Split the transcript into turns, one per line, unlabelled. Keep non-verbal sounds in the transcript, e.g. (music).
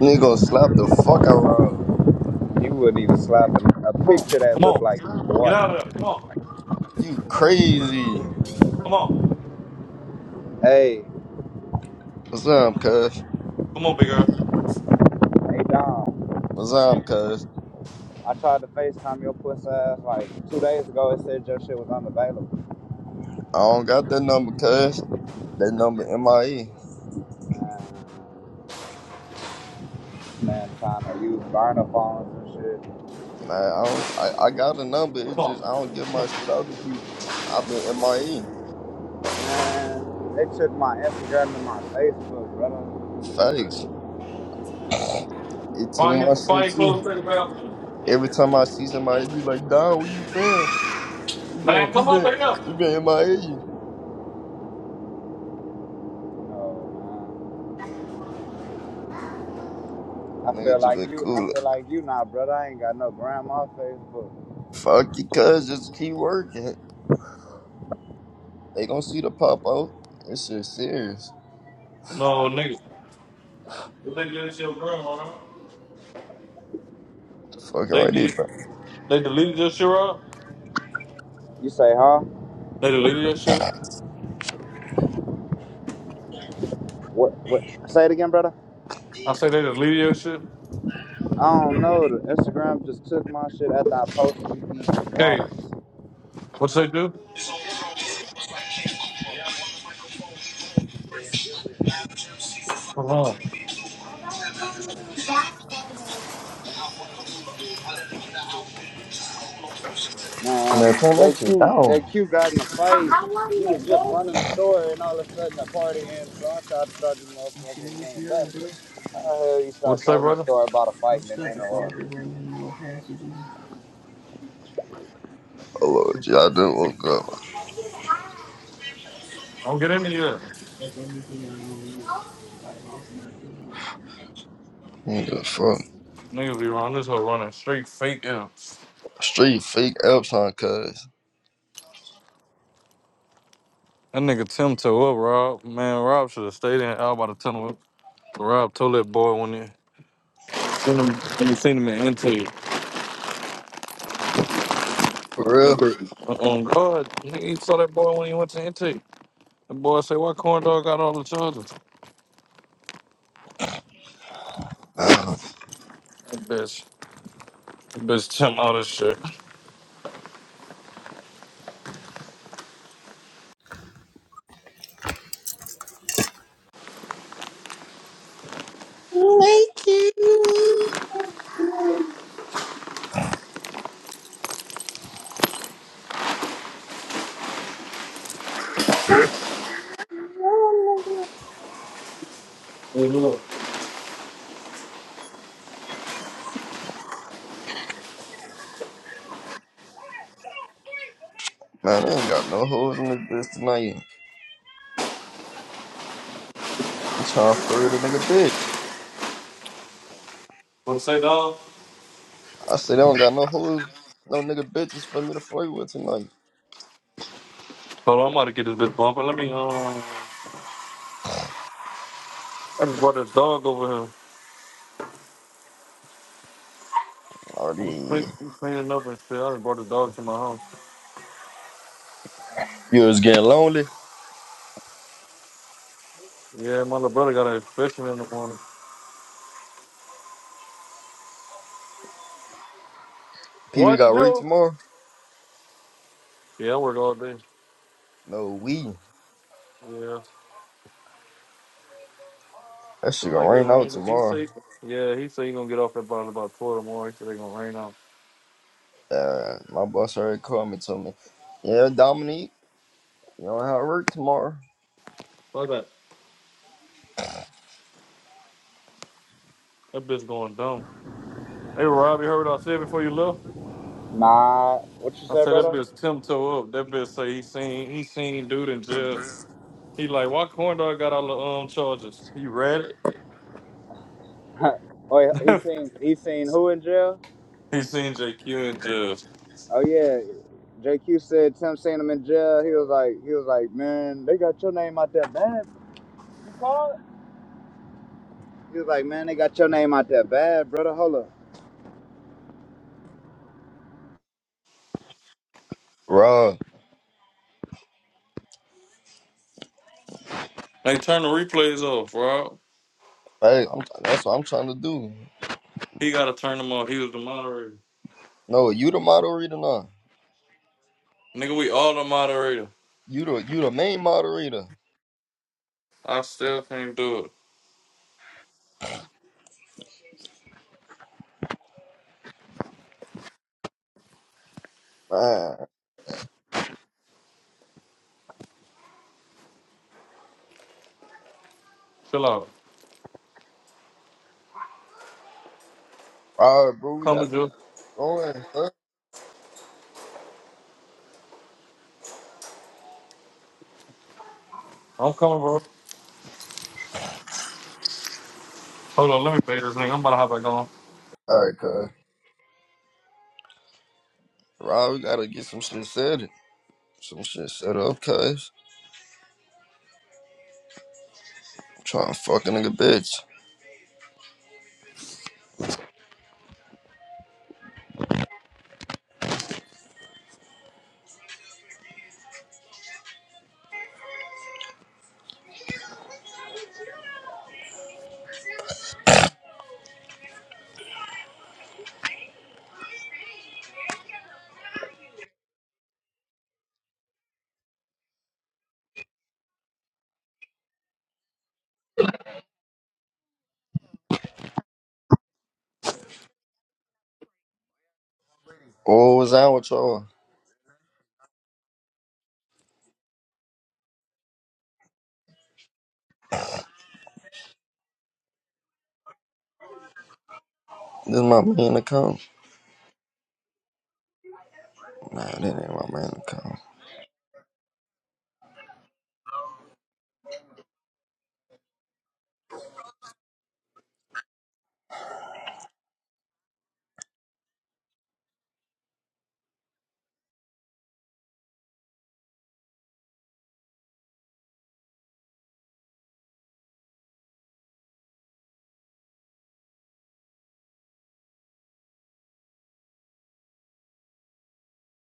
Nigga gonna slap the fuck out of her.
You wouldn't even slap a, picture that
Come on.
looked like you,
Get
boy.
out of there. Come on.
You crazy.
Come on.
Hey,
What's up, cuz?
Come on, big girl.
hey Dom.
What's up, cuz?
I tried to FaceTime your pussy ass like two days ago. It said your shit was unavailable.
I don't got that number, cuz. That number MIE.
Man, man trying to use burner phones and shit.
Nah, I don't I, I got a number, it's
Come on.
just I don't give my shit out to people. I've been MIE.
Man, they took my Instagram and my Facebook, brother.
Facts. It took
Find your,
my
find
shit
your
too.
clothes for the bathroom.
Every time I see somebody be like, Don, where you been? You
Man,
been you
come
been
over here.
you been MIE.
No, man. I feel
Nigga just
like
been
you. I
cool.
feel like you now, brother. I ain't got no grandma Facebook.
Fuck you, cuz, just keep working. They gonna see the pop out. It's shit serious.
Ah.
No, nigga. They did this shit, bro. huh?
Fuck
They
already,
did.
bro.
They deleted your shit, Rob?
You say, huh?
They deleted your shit?
What? What? Say it again, brother.
I say they deleted your shit.
I don't know. The Instagram just took my shit after I posted me eating some
Hey,
waffles.
what they do? Hold on.
Man,
Man,
turn that shit
JQ,
down.
JQ got in a fight. He was just running the store, and all of a sudden the party ends. So I tried to start this motherfucker and bring him back. How the hell you
What
start
say,
telling a
brother?
story about a fight and then enter in?
Oh Lord, G, I didn't look up.
Don't get in here.
Nigga, fuck.
Niggas be running this whole running straight fake imps.
Street fake Epson, cuz.
That nigga Tim toe up, Rob. Man, Rob should have stayed in out by the tunnel. Rob told that boy when in. Seen him, when you seen him in Intake.
For real?
On God, he he saw that boy when he went to Intake. The boy said, "Why corn dog got all the charges?" That bitch, that bitch, Tim, all this shit.
Man, they ain't got no hoes in this bitch tonight. I'm trying to flirt a nigga bitch.
What say, dog?
I said they don't got no hoes, no nigga bitches for me to flirt with tonight.
Hold on, I'm about to get this bitch bumping. Let me, um, I just brought this dog over here. I'm, cle-
Already.
I'm cleaning up and shit. I just brought this dog to my house.
You was getting lonely?
Yeah, my little brother got a fishing in the morning. What
PB got
did
work
you?
tomorrow?
Yeah, I work all day.
No, we.
Yeah.
That
It
shit gonna
might get
rain out
rain. He
tomorrow.
say, yeah, he said he gonna get off that bottle about 12 tomorrow. He said they gonna rain out.
Uh, my boss already called me, told me, yeah, Dominique, you don't have work tomorrow.
Fuck that. That bitch going dumb. Hey Rob, you heard what I said before you left?
Nah, what you
I
say,
said that
brother?
bitch Tim toe up. That bitch say he seen he seen dude in jail. He like, why corn dog got all the um charges? He read it.
(laughs) Oh, he
(laughs)
seen he seen who in jail?
he seen JQ in jail.
Oh yeah, JQ said Tim seen him in jail. He was like he was like, man, they got your name out there, man. You called? He was like, man, they got your name out there bad, brother. Hold up.
Bruh.
Hey, turn the replays off, Rob.
Hey, I'm, that's what I'm trying to do.
He gotta turn them off. He was the moderator.
No, you the moderator now.
Nigga, we all the moderator.
You the you the main moderator.
I still can't do it.
Man,
Chill out.
all right, bro, we
Coming,
gotta
dude.
get going. Huh?
I'm coming, bro. Hold on, let me pay this nigga. I'm about to hop back on.
All right, cuz. Rob, we gotta get some shit set. Some shit set up, cuz. I'm trying to fuck a nigga bitch. Oh, what's that with y'all? This is my main account. Nah, that ain't my main account.